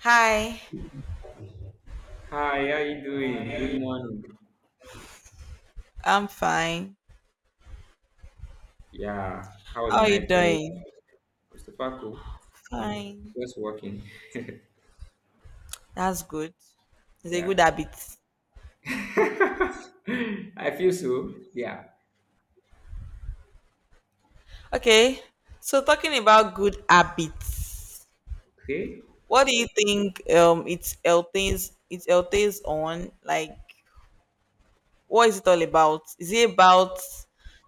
Hi, Hi, how you doing? Good morning. I'm fine. Yeah, how was How the are you night rest? doing? I'm super cool. Mm, Fine. Just working. That's good. It's a good Yeah. habit. I feel so. Yeah. Okay, so talking about good habits, Okay. what do you think it entails on, like, what is it all about? Is it about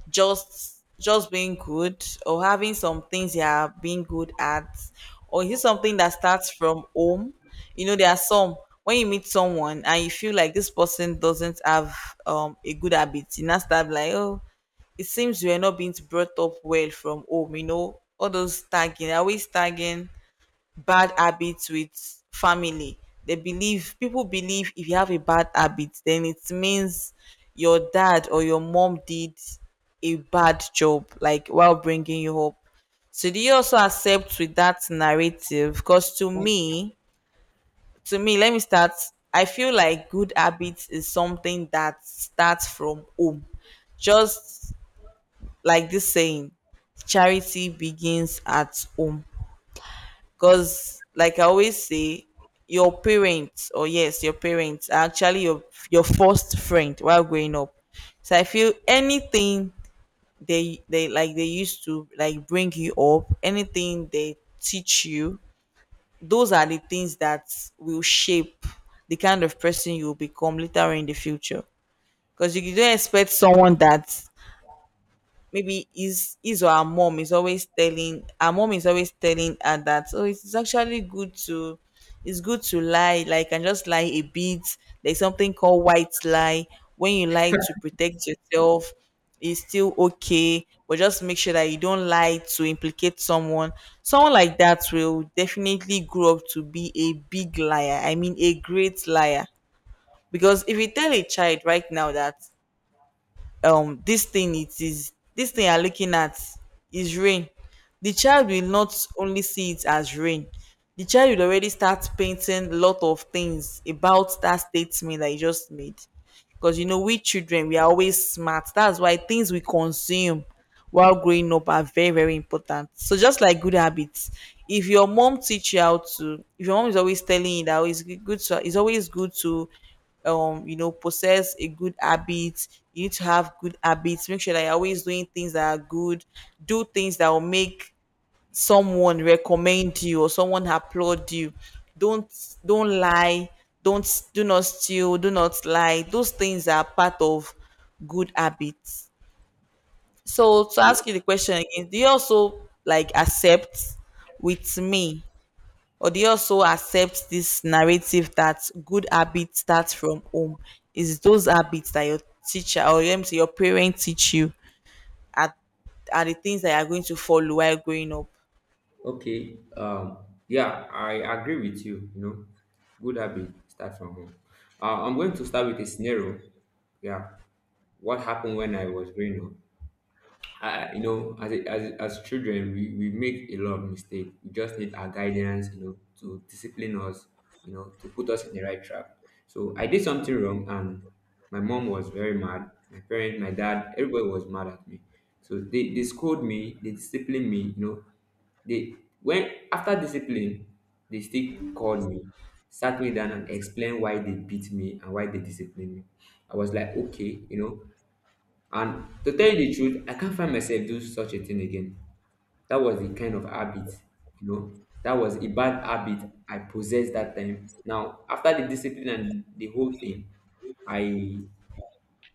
just being good or having some things you are being good at? Or is it something that starts from home? You know, there are some when you meet someone and you feel like this person doesn't have a good habit, you now start like, oh, it seems you are not being brought up well from home, you know, all those tagging, are we tagging bad habits with family. They believe people believe if you have a bad habit, then it means your dad or your mom did a bad job, like while bringing you up. So do you also accept with that narrative? Because to me, let me start. I feel like good habits is something that starts from home. Just like this saying, charity begins at home. Because, like I always say, your parents, or yes, your parents are actually your first friend while growing up. So I feel anything they like they used to like bring you up, anything they teach you, those are the things that will shape the kind of person you will become later in the future. Because you don't expect someone that maybe his or her mom is always telling her, mom is always telling her that, oh, it's good to lie, like, and just lie a bit. There's something called white lie. When you lie to protect yourself, it's still okay, but just make sure that you don't lie to implicate someone. Someone like that will definitely grow up to be a big liar, I mean a great liar. Because if you tell a child right now that this thing you're looking at is rain, the child will not only see it as rain, the child will already start painting a lot of things about that statement that you just made. Because, you know, we children, we are always smart. That's why things we consume while growing up are very very important. So just like good habits, if your mom teach you how to if your mom is always telling you that, "Oh, good to it's always good to possess a good habit. You need to have good habits. Make sure that you're always doing things that are good. Do things that will make someone recommend you or someone applaud you. Don't lie don't do not steal, do not lie." Those things are part of good habits. So to Yeah. ask you the question again, do you also like accept with me, or do you also accept this narrative that good habits start from home? Is those habits that your teacher or your parents teach you are, are the things that you are going to follow while growing up? Okay. Yeah, I agree with you. Good habit start from home. I'm going to start with a scenario. Yeah. What happened when I was growing up? As as children, we make a lot of mistakes. We just need our guidance, to discipline us, to put us in the right track. So I did something wrong, and my mom was very mad. My parents, my dad, everybody was mad at me. So they scold me, they disciplined me. They when after discipline, they still called me, sat me down and explained why they beat me and why they disciplined me. I was like, okay, and to tell you the truth, I can't find myself do such a thing again. That was the kind of habit, you know, that was a bad habit I possessed that time. Now, after the discipline and the whole thing, I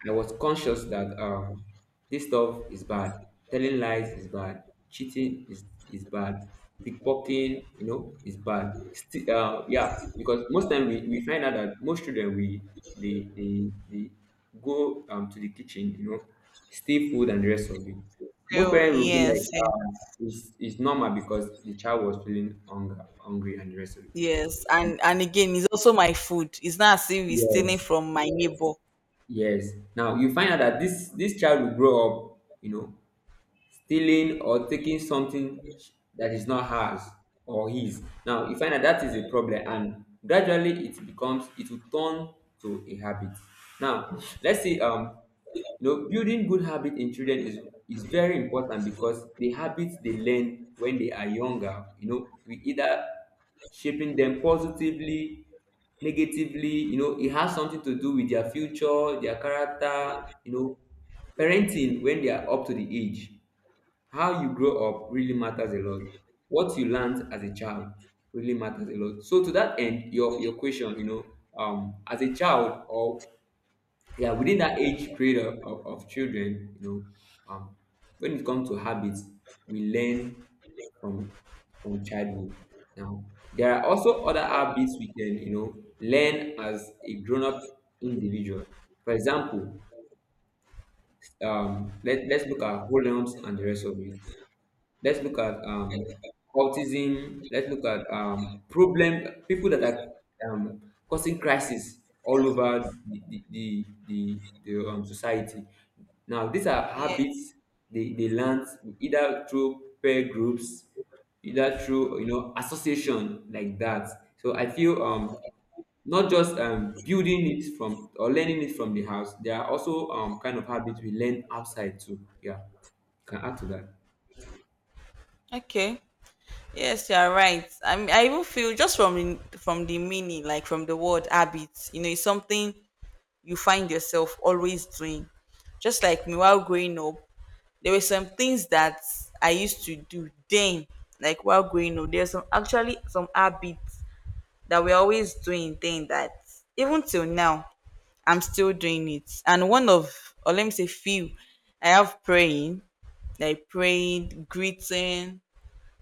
I was conscious that this stuff is bad. Telling lies is bad. Cheating is bad. Pickpocketing, is bad. Yeah, because most time we find out that most children they go to the kitchen, steal food and the rest of it. Most Oh, parents will be yes, like, yes, it's normal because the child was feeling hunger, hungry and the rest of it. yes. And again, it's also my food. It's not as if it's stealing Yes, from my neighbor. yes. Now you find out that this child will grow up, stealing or taking something that is not hers or his. Now you find that that is a problem, and gradually it will turn to a habit. Now let's see. Building good habit in children is very important because the habits they learn when they are younger, we either shaping them positively, negatively, it has something to do with their future, their character, you know, parenting when they are up to the age. How you grow up really matters a lot. What you learned as a child really matters a lot. So to that end, your question, as a child or yeah, within that age period of children, um, when it comes to habits, we learn from from childhood. Now, there are also other habits we can, learn as a grown-up individual. For example, let's look at whole homes and the rest of it. Let's look at autism. Let's look at problem people that are causing crisis all over the society. Now, these are Yeah. habits they learn either through peer groups, either through association like that. So I feel not just building it from or learning it from the house. There are also kind of habits we learn outside too. Yeah, can add to that. Okay. Yes, you are right. I mean, I even feel just from from the meaning, like from the word habit, you know, it's something you find yourself always doing. Just like me while growing up, there were some things that I used to do then, like while growing up. There's some, actually some habits that we're always doing then that even till now, I'm still doing it. And one of, or let me say, few, I have praying, like praying, greeting,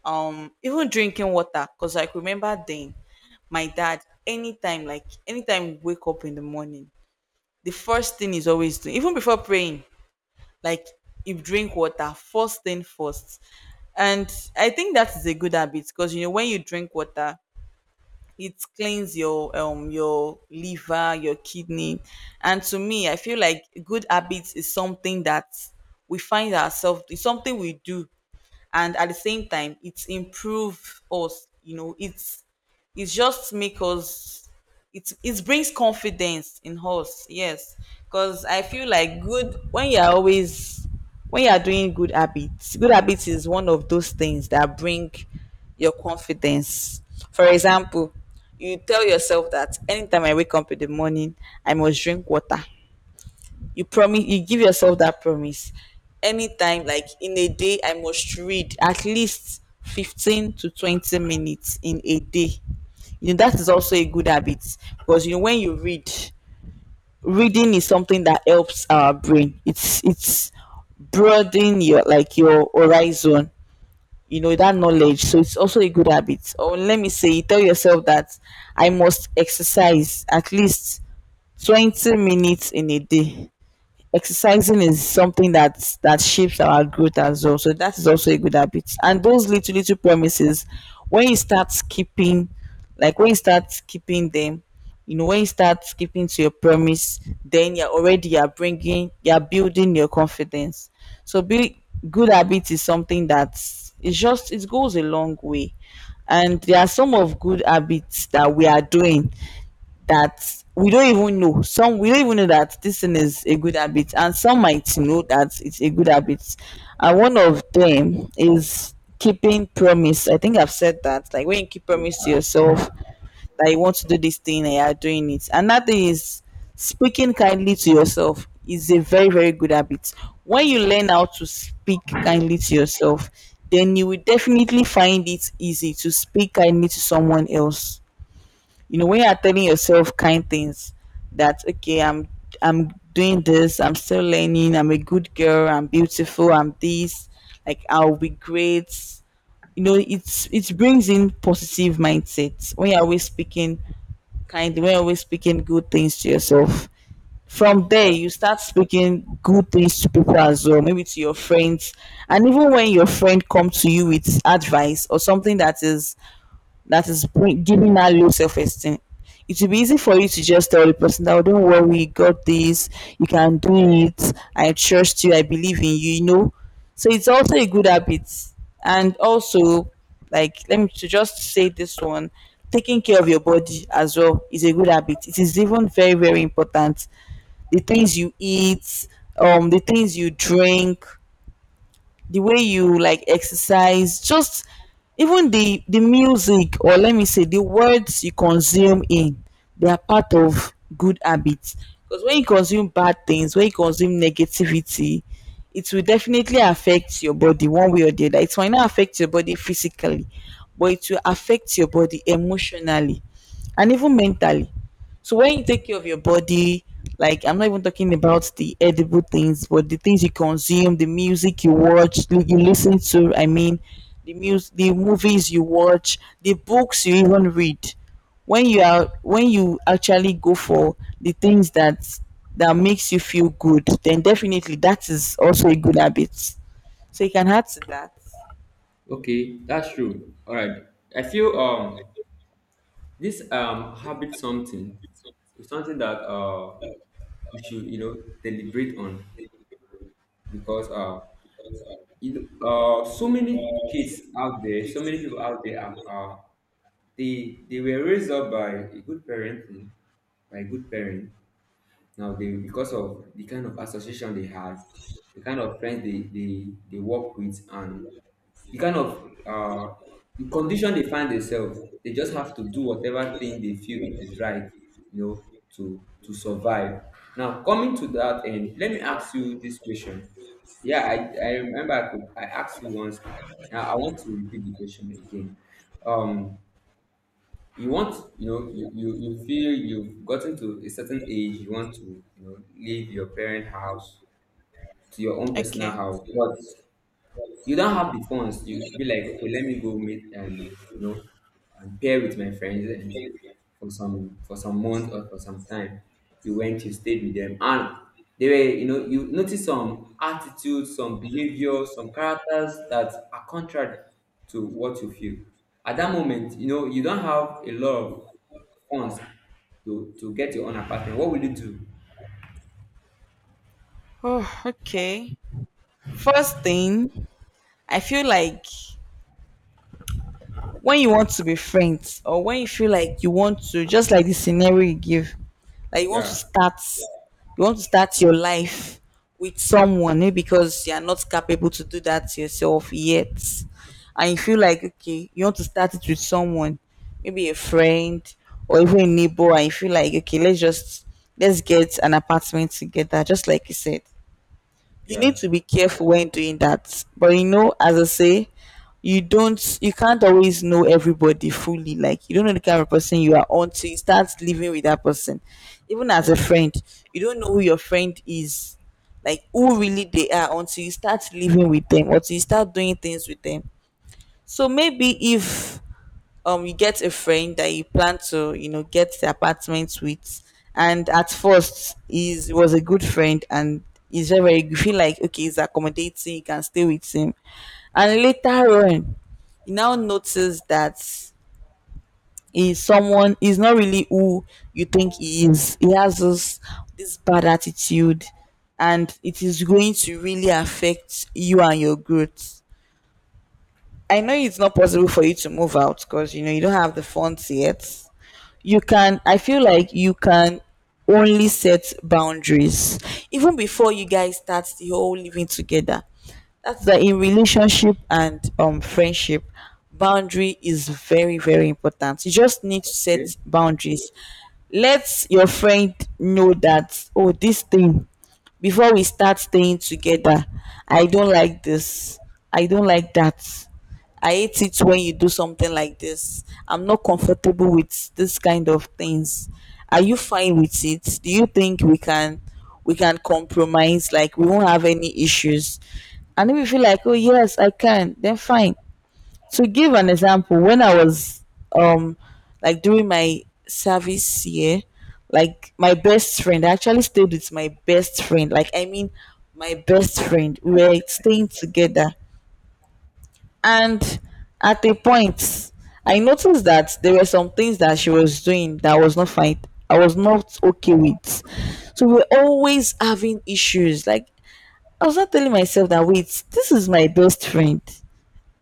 even drinking water. Because, like, remember then my dad, anytime we wake up in the morning, the first thing he's always doing even before praying, like, he drink water first thing first. And I think that is a good habit, because you know when you drink water, it cleans your liver, your kidney. And to me, I feel like good habits is something that we find ourselves. It's something we do, and at the same time it improve us. You know, it just make us, it brings confidence in us. Yes, because I feel like good when you're always, when you're doing good habits, good habits is one of those things that bring your confidence. For example, you tell yourself that anytime I wake up in the morning, I must drink water. You promise, you give yourself that promise. Anytime, like, in a day, I must read at least 15 to 20 minutes in a day. You know, that is also a good habit. Because, you know, when you read, reading is something that helps our brain. It's broaden your your horizon, you know, that knowledge. So it's also a good habit. Or let me say you tell yourself that I must exercise at least 20 minutes in a day. Exercising is something that shapes our growth as well. So that is also a good habit. And those little little promises, when you start keeping, like when you start keeping them, you know, when you start keeping to your promise, then you're already, you're building your confidence. So be good habit is something that, it's just, it goes a long way. And there are some of good habits that we are doing that we don't even know, that this thing is a good habit, and some might know that it's a good habit. And one of them is keeping promise. I think I've said that. Like, when you keep promise to yourself that you want to do this thing and you are doing it. Another is speaking kindly to yourself is a very very good habit. When you learn how to speak kindly to yourself, then you will definitely find it easy to speak kindly to someone else. You know, when you are telling yourself kind things, that, okay, I'm doing this, I'm still learning, I'm a good girl, I'm beautiful, I'm this, like, I'll be great, you know, it brings in positive mindset. When you're always speaking kind, when you're always speaking good things to yourself, from there you start speaking good things to people as well, maybe to your friends. And even when your friend comes to you with advice or something that is giving that low self esteem, it will be easy for you to just tell the person that, oh, don't worry, you got this, you can do it, I trust you, I believe in you, you know. So it's also a good habit. And also, like, let me to just say this one, taking care of your body as well is a good habit. It is even very, very important. The things you eat, the things you drink, the way you, like, exercise, just even the music, or let me say the words you consume in, they are part of good habits. Because when you consume bad things, when you consume negativity, it will definitely affect your body one way or the other. It might not affect your body physically, but it will affect your body emotionally and even mentally. So when you take care of your body, like, I'm not even talking about the edible things, but the things you consume, the music you watch, you listen to, I mean, the music, the movies you watch, the books you even read. When you are when you actually go for the things that makes you feel good, then definitely that is also a good habit. So you can add to that. Okay, that's true. All right. I feel this habit something is something that we should deliberate on because so many kids out there, so many people out there are they were raised up by a good parenting by good parents. Now they because of the kind of association they had, the kind of friends they work with and the kind of the condition they find themselves, they just have to do whatever thing they feel it is right, you know, to survive. Now coming to that end, let me ask you this question. Yeah, I remember I asked you once. Now I want to repeat the question again. Um, you want you know you, you you feel you've gotten to a certain age. You want to leave your parent house to your own personal Okay. house, but you don't have the funds. You be like, okay, let me go meet and you know and pair with my friends and for some month or for some time. You stayed with them, and they were you know you notice some attitudes, some behavior, some characters that are contrary to what you feel. At that moment, you don't have a lot of funds to get your own apartment. What will you do? Oh, okay. First thing, I feel like when you want to be friends, or when you feel like you want to, just like the scenario you give, like you want to Yeah, start you want to start your life with someone, maybe because you are not capable to do that yourself yet, and you feel like, okay, you want to start it with someone, maybe a friend or even a neighbor, and you feel like, okay, let's get an apartment together, just like you said. You need yeah, to be careful when doing that, but you know, as I say, you can't always know everybody fully. Like you don't know the kind of person you are until you start living with that person, even as a that's friend. You don't know who your friend is, like who really they are, until you start living with them, until you start doing things with them. So maybe if you get a friend that you plan to, you know, get the apartment with, and at first he was a good friend, and he's very, very, you feel like, okay, he's accommodating, you can stay with him, and later on you now notice that he's not really who you think he is. He has this bad attitude, and it is going to really affect you and your growth. I know it's not possible for you to move out because, you know, you don't have the funds yet. You can, I feel like you can only set boundaries even before you guys start the whole living together. That's why in relationship and friendship, boundary is very, very important. You just need to okay. set boundaries. Let your friend know that, oh, this thing, before we start staying together, I don't like this, I don't like that. I hate it when you do something like this. I'm not comfortable with this kind of things. Are you fine with it? Do you think we can compromise, like we won't have any issues? And if you feel like, oh yes, I can, then fine. To give an example, when I was um like during my service year, like my best friend, I actually stayed with my best friend. Like I mean my best friend. We were staying together, and at a point, I noticed that there were some things that she was doing that I was not fine. I was not okay with. So we're always having issues. Like I was not telling myself that, wait, this is my best friend.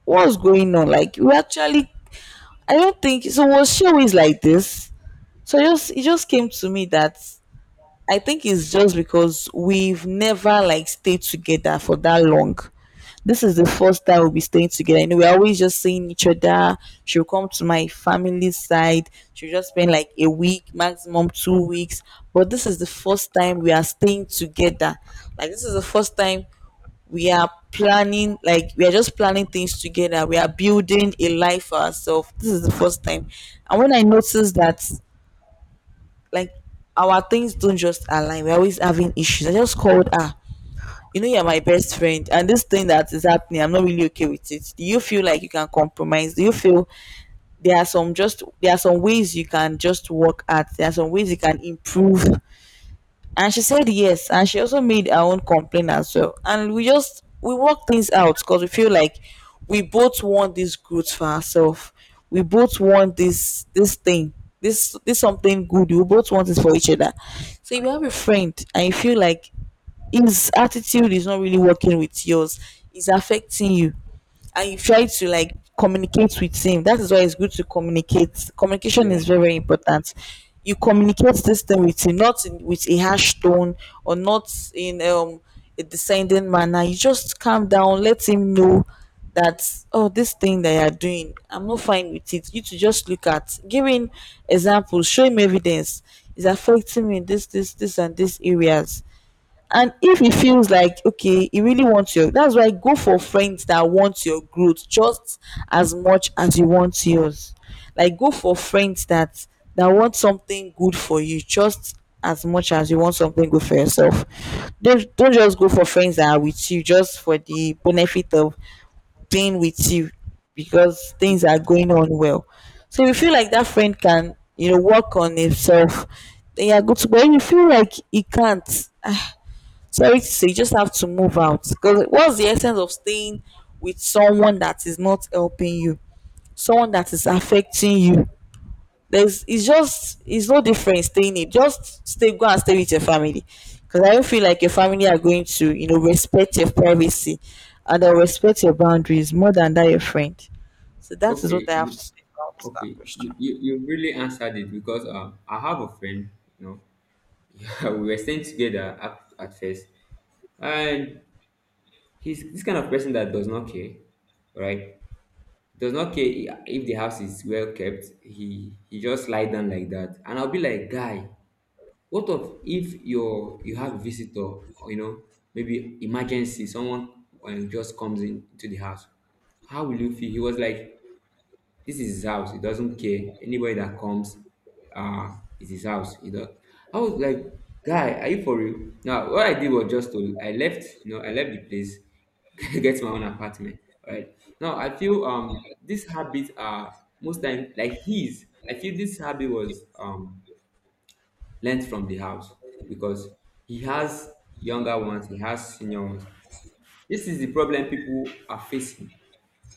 What's going on? Like we actually, I don't think so. Was she always like this? So it just came to me that I think it's just because we've never, like, stayed together for that long. This is the first time we'll be staying together. And we're always just seeing each other. She'll come to my family side. She'll just spend like a week, maximum 2 weeks. But this is the first time we are staying together. Like this is the first time we are planning, like we are just planning things together. We are building a life for ourselves. This is the first time. And when I noticed that, like, our things don't just align, we're always having issues, I just called her. You know, you're my best friend, and this thing that is happening, I'm not really okay with it. Do you feel like you can compromise? Do you feel there are some ways you can just work at? There are some ways you can improve. And she said yes, and she also made her own complaint as well, and we work things out, because we feel like we both want this growth for ourselves, we both want this thing, this something good, we both want it for each other. So if you have a friend and you feel like his attitude is not really working with yours, it's affecting you, and you try to, like, communicate with him, that is why it's good to communicate. Communication Yeah, is very, very important. You communicate this thing with him, not in, with a harsh tone, or not in a descending manner. You just calm down, let him know that, oh, this thing that you're doing, I'm not fine with it. You to just look at giving examples, show him evidence, is affecting me in this and these areas. And if it feels like, okay, you really want your that's why, go for friends that want your growth just as much as you want yours. Like go for friends that that want something good for you just as much as you want something good for yourself. Don't just go for friends that are with you just for the benefit of being with you because things are going on well. So you feel like that friend can, you know, work on himself, then you're good to go. If you feel like he can't, so it's, you just have to move out, because what's the essence of staying with someone that is not helping you, someone that is affecting you? There's it's just it's no different staying it. Just stay go and stay with your family, because I don't feel like your family are going to, you know, respect your privacy, and they'll respect your boundaries more than that your friend. So that is what I have okay. to say about that Okay, question. you really answered it because I have a friend, you know, yeah, we were staying together at first, and he's this kind of person that does not care, right? Does not care if the house is well kept. He just lie down like that, and I'll be like, guy, what of if you have a visitor, or, maybe emergency, someone just comes in to the house, how will you feel? He was like, this is his house. He doesn't care. Anybody that comes, uh, is his house. He does. I was like, guy, are you for real? Now, what I did was just I left the place, get my own apartment. Right. Now, I feel these habits are most time like his. I feel this habit was learned from the house because he has younger ones, he has senior ones. This is the problem people are facing.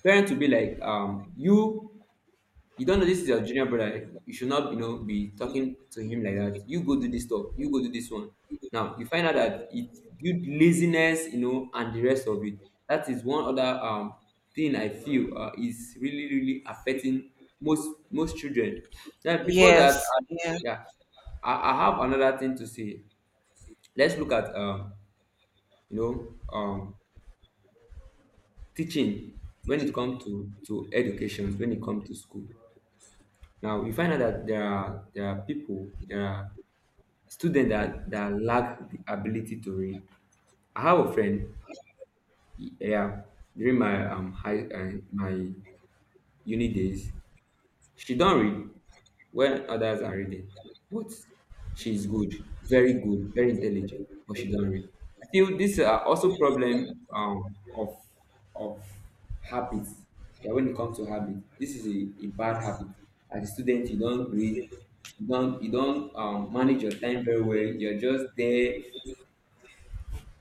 Parents will be like, you don't know this is your junior brother. You should not, be talking to him like that. You go do this stuff. You go do this one. Now you find out that it build laziness, and the rest of it. That is one other thing I feel is really really affecting most children. Now before that, Yes. Yeah. yeah, I have another thing to say. Let's look at you know um, teaching when it comes to education when it comes to school. Now you find out that there are students that lack the ability to read. I have a friend, yeah, during my high my uni days, she don read when others are reading, but she is good, very good, very intelligent, but she don read. I feel this are also problem of habits. Yeah, when it comes to habit, this is a bad habit. As a student, you don't read. You don't, manage your time very well. You're just there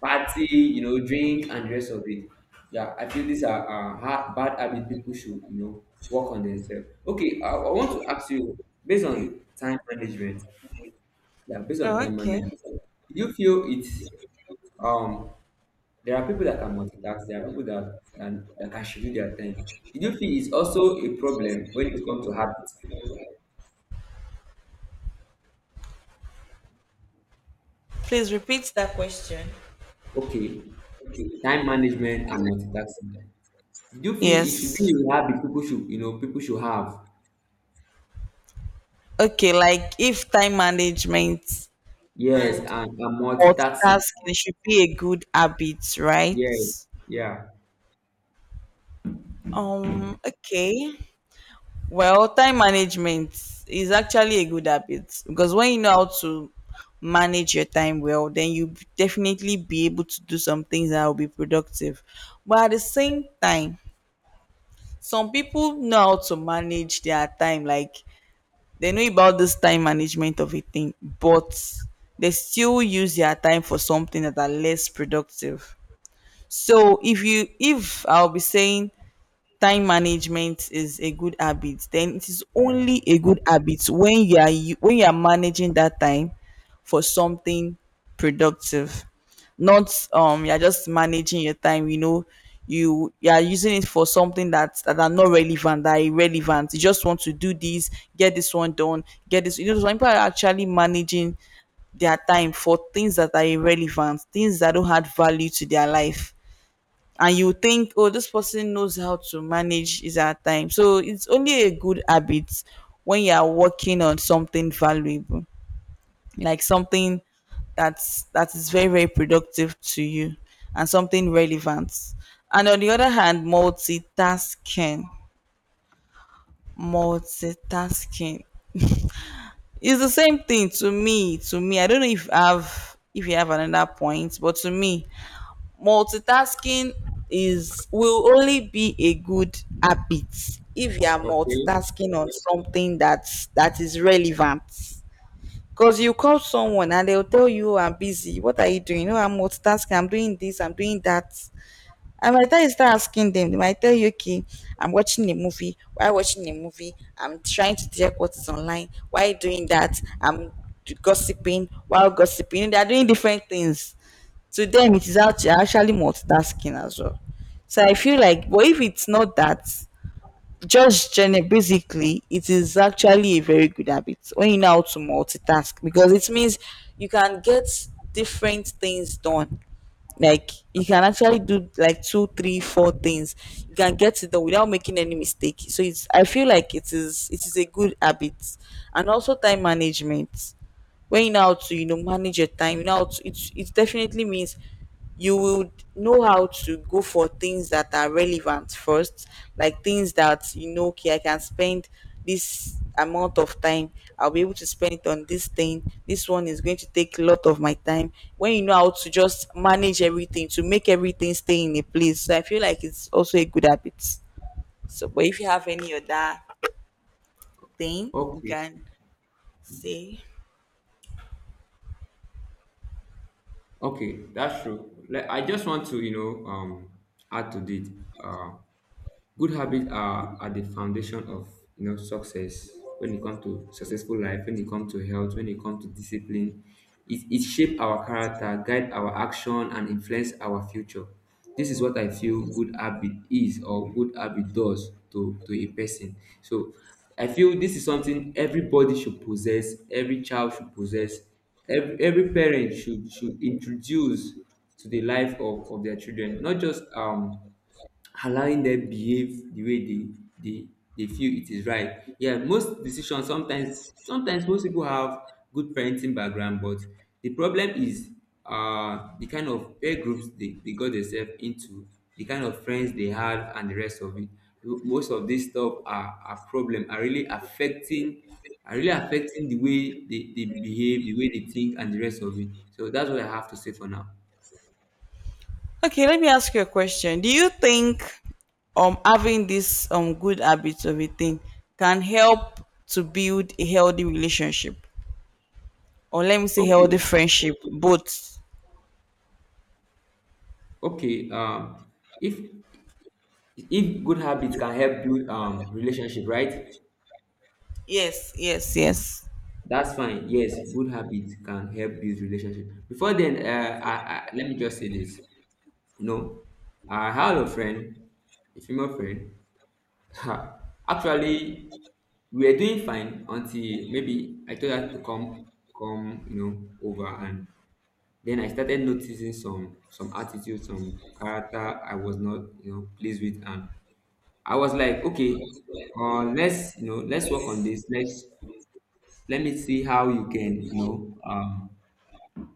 party, drink and the rest of it. Yeah, I feel these are bad habits people should, work on themselves. Okay, I want to ask you, based on time management, yeah, based on Oh, time okay. management, do you feel it's um there are people that can multitask, there are people that can schedule their time. Did you feel it's also a problem when it comes to habits? Please repeat that question. Okay, time management and multitasking. Did you feel it should Yes. be a habit people should have? Okay, like if time management Yes, and and multitasking. multitasking should be a good habit, right? Yes. Yeah. Okay. Well, time management is actually a good habit, because when you know how to manage your time well, then you definitely be able to do some things that will be productive. But at the same time, some people know how to manage their time. Like they know about this time management of a thing, but they still use their time for something that are less productive. So if I'll be saying time management is a good habit, then it is only a good habit when you are when you are managing that time for something productive, not, you're just managing your time, you know, you are using it for something that that are not relevant, that are irrelevant, you just want to do this, get this one done, get this, you know. Some people are actually managing their time for things that are irrelevant, things that don't add value to their life, and you think, oh, this person knows how to manage his or her time. So it's only a good habit when you are working on something valuable, like something that is very, very productive to you, and something relevant. And on the other hand, multitasking, multitasking is the same thing to me. To me, I don't know if I've if you have another point, but to me multitasking is, will only be a good habit if you are Okay. multitasking on something that is relevant, because you call someone and they'll tell you, "Oh, I'm busy." What are you doing? "No, I'm multitasking, I'm doing this, I'm doing that." And by the time you start asking them, they might tell you, okay, I'm watching a movie. Why watching a movie? I'm trying to check what is online. Why doing that? I'm gossiping. While gossiping, they are doing different things. To them, it is actually multitasking as well. So I feel like, but if it's not that, just basically, it is actually a very good habit when you know how to multitask, because it means you can get different things done. Like you can actually do like two three four things, you can get it done without making any mistake. So it's, I feel like it is, it is a good habit. And also time management, when you know how to, you know, manage your time, you know how to, it definitely means you will know how to go for things that are relevant first, like things that, you know, okay, I can spend this amount of time, I'll be able to spend it on this thing, this one is going to take a lot of my time. When you know how to just manage everything to make everything stay in a place, so I feel like it's also a good habit. So but if you have any other thing, you Okay. can say. Okay. That's true. Like, I just want to, add to it. Uh, Good habits are at the foundation of success when it comes to successful life, when it comes to health, when it comes to discipline. It shape our character, guide our action, and influence our future. This is what I feel good habit is or good habit does to a person. So I feel this is something everybody should possess, every child should possess, every parent should introduce to the life of their children, not just allowing them behave the way they they feel it is right. Yeah, most decisions sometimes, most people have good parenting background, but the problem is the kind of peer groups they got themselves into, the kind of friends they had and the rest of it. Most of this stuff are problem, are really affecting the way they behave, the way they think and the rest of it. So that's what I have to say for now. Okay, let me ask you a question. Do you think having this good habits of eating can help to build a healthy relationship? Or let me say healthy Okay. friendship, both. Okay. If good habits can help build relationship, right? Yes, yes, yes. That's fine. Yes, good habits can help build relationship. Before then, let me just say this you know I had a friend, a female friend, actually we were doing fine until maybe I told her to come over, and then I started noticing some attitude, some character I was not, pleased with. And I was like, okay, let's work on this. Let me see how you can,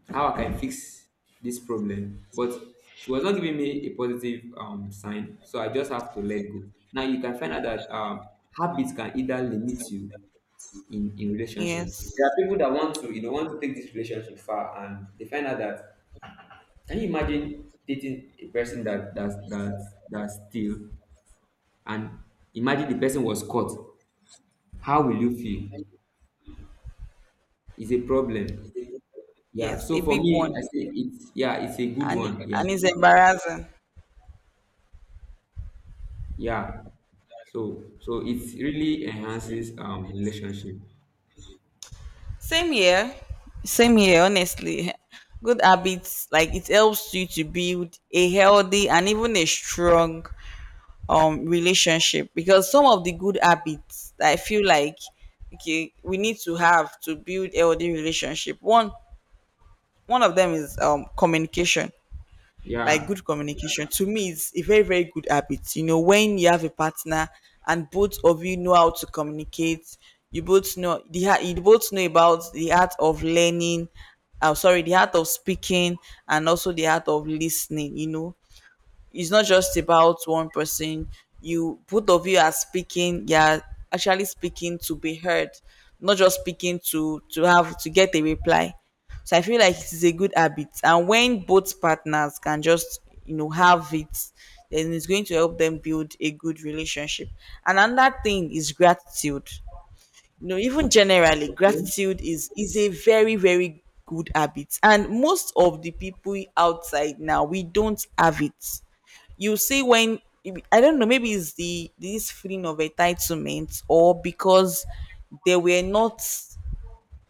how I can fix this problem. But she was not giving me a positive sign, so I just have to let go. Now you can find out that habits can either limit you in relationship. Yes. There are people that want to take this relationship far, and they find out that can you imagine dating a person that that's still, and imagine the person was caught. How will you feel? It's a problem. Yeah. Yes, So a for big me, one. I say it's a good And one. Yeah. and it's embarrassing. Yeah. So it really enhances relationship. Same here. Same here, honestly. Good habits, like, it helps you to build a healthy and even a strong relationship, because some of the good habits that I feel like, okay, we need to have to build healthy relationship, one one of them is communication. Like Yeah. good communication to me is a very, very good habit. You know, when you have a partner and both of you know how to communicate, you both know the heart, you both know about the art of learning, sorry, the art of speaking, and also the art of listening, you know. It's not just about one person, you both of you are speaking, you're actually speaking to be heard, not just speaking to have to get a reply. So I feel like it is a good habit, and when both partners can just, you know, have it, then it's going to help them build a good relationship. And another thing is gratitude. No, even generally, gratitude is a very, very good habit, and most of the people outside now we don't have it. You see, when, I don't know, maybe it's the, this feeling of entitlement, or because they were not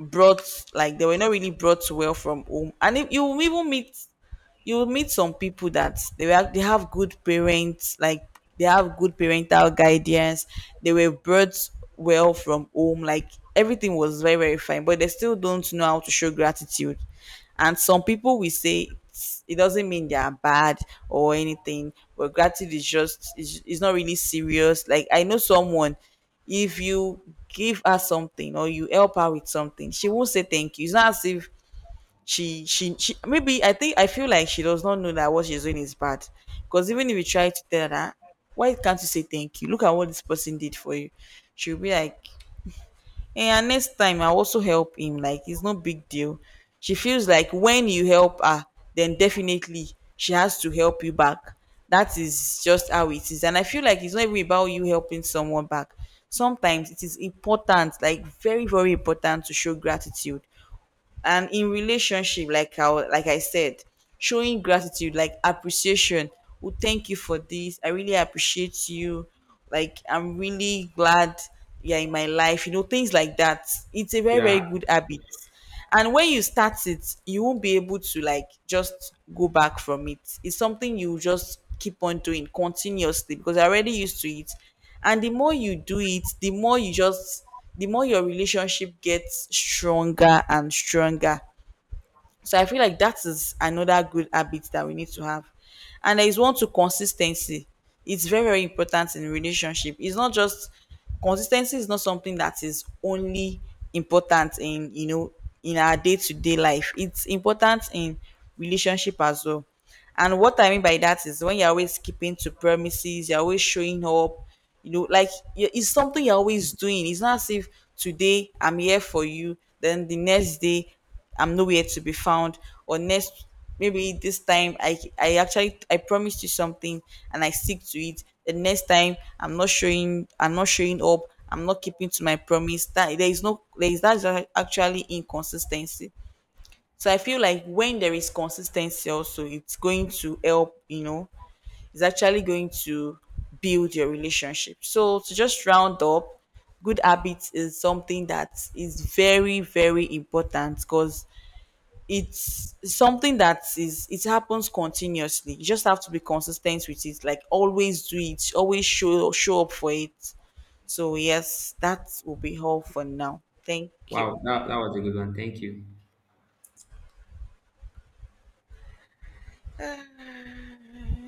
brought, like they were not really brought well from home, and if you will even meet, you will meet some people that they have good parents, like they have good parental guidance, they were brought well from home, like everything was very, very fine, but they still don't know how to show gratitude. And some people will say it doesn't mean they are bad or anything, but gratitude is just, is not really serious. Like I know someone, if you give her something or you help her with something, she won't say thank you. It's not as if she maybe, I think, I feel like she does not know that what she's doing is bad. Because even if you try to tell her, why can't you say thank you? Look at what this person did for you. She'll be like, hey, and next time I'll also help him. Like it's no big deal. She feels like when you help her, then definitely she has to help you back. That is just how it is. And I feel like it's not even about you helping someone back. Sometimes it is important, like very, very important to show gratitude. And in relationship, like I like I said, showing gratitude, like appreciation, well, thank you for this, I really appreciate you, like I'm really glad you're in my life, you know, things like that, it's a very, very Yeah. good habit. And when you start it, you won't be able to, like, just go back from it. It's something you just keep on doing continuously, because you're already used to it. And the more you do it, the more you just, the more your relationship gets stronger and stronger. So I feel like that is another good habit that we need to have. And there is one to consistency. It's very, very important in relationship. It's not just, consistency is not something that is only important in, you know, in our day-to-day life. It's important in relationship as well. And what I mean by that is when you're always keeping to promises, you're always showing up, you know, like it's something you're always doing. It's not as if today I'm here for you, then the next day I'm nowhere to be found, or next, maybe this time I actually, I promised you something and I stick to it, the next time I'm not showing up, I'm not keeping to my promise. That, there is no there is, that's actually inconsistency. So I feel like when there is consistency also, it's going to help, you know, it's actually going to build your relationship. So to just round up, good habits is something that is very, very important, because it's something that is, it happens continuously. You just have to be consistent with it. Like always do it, always show up for it. So yes, that will be all for now. Thank you. Wow. That was a good one. Thank you.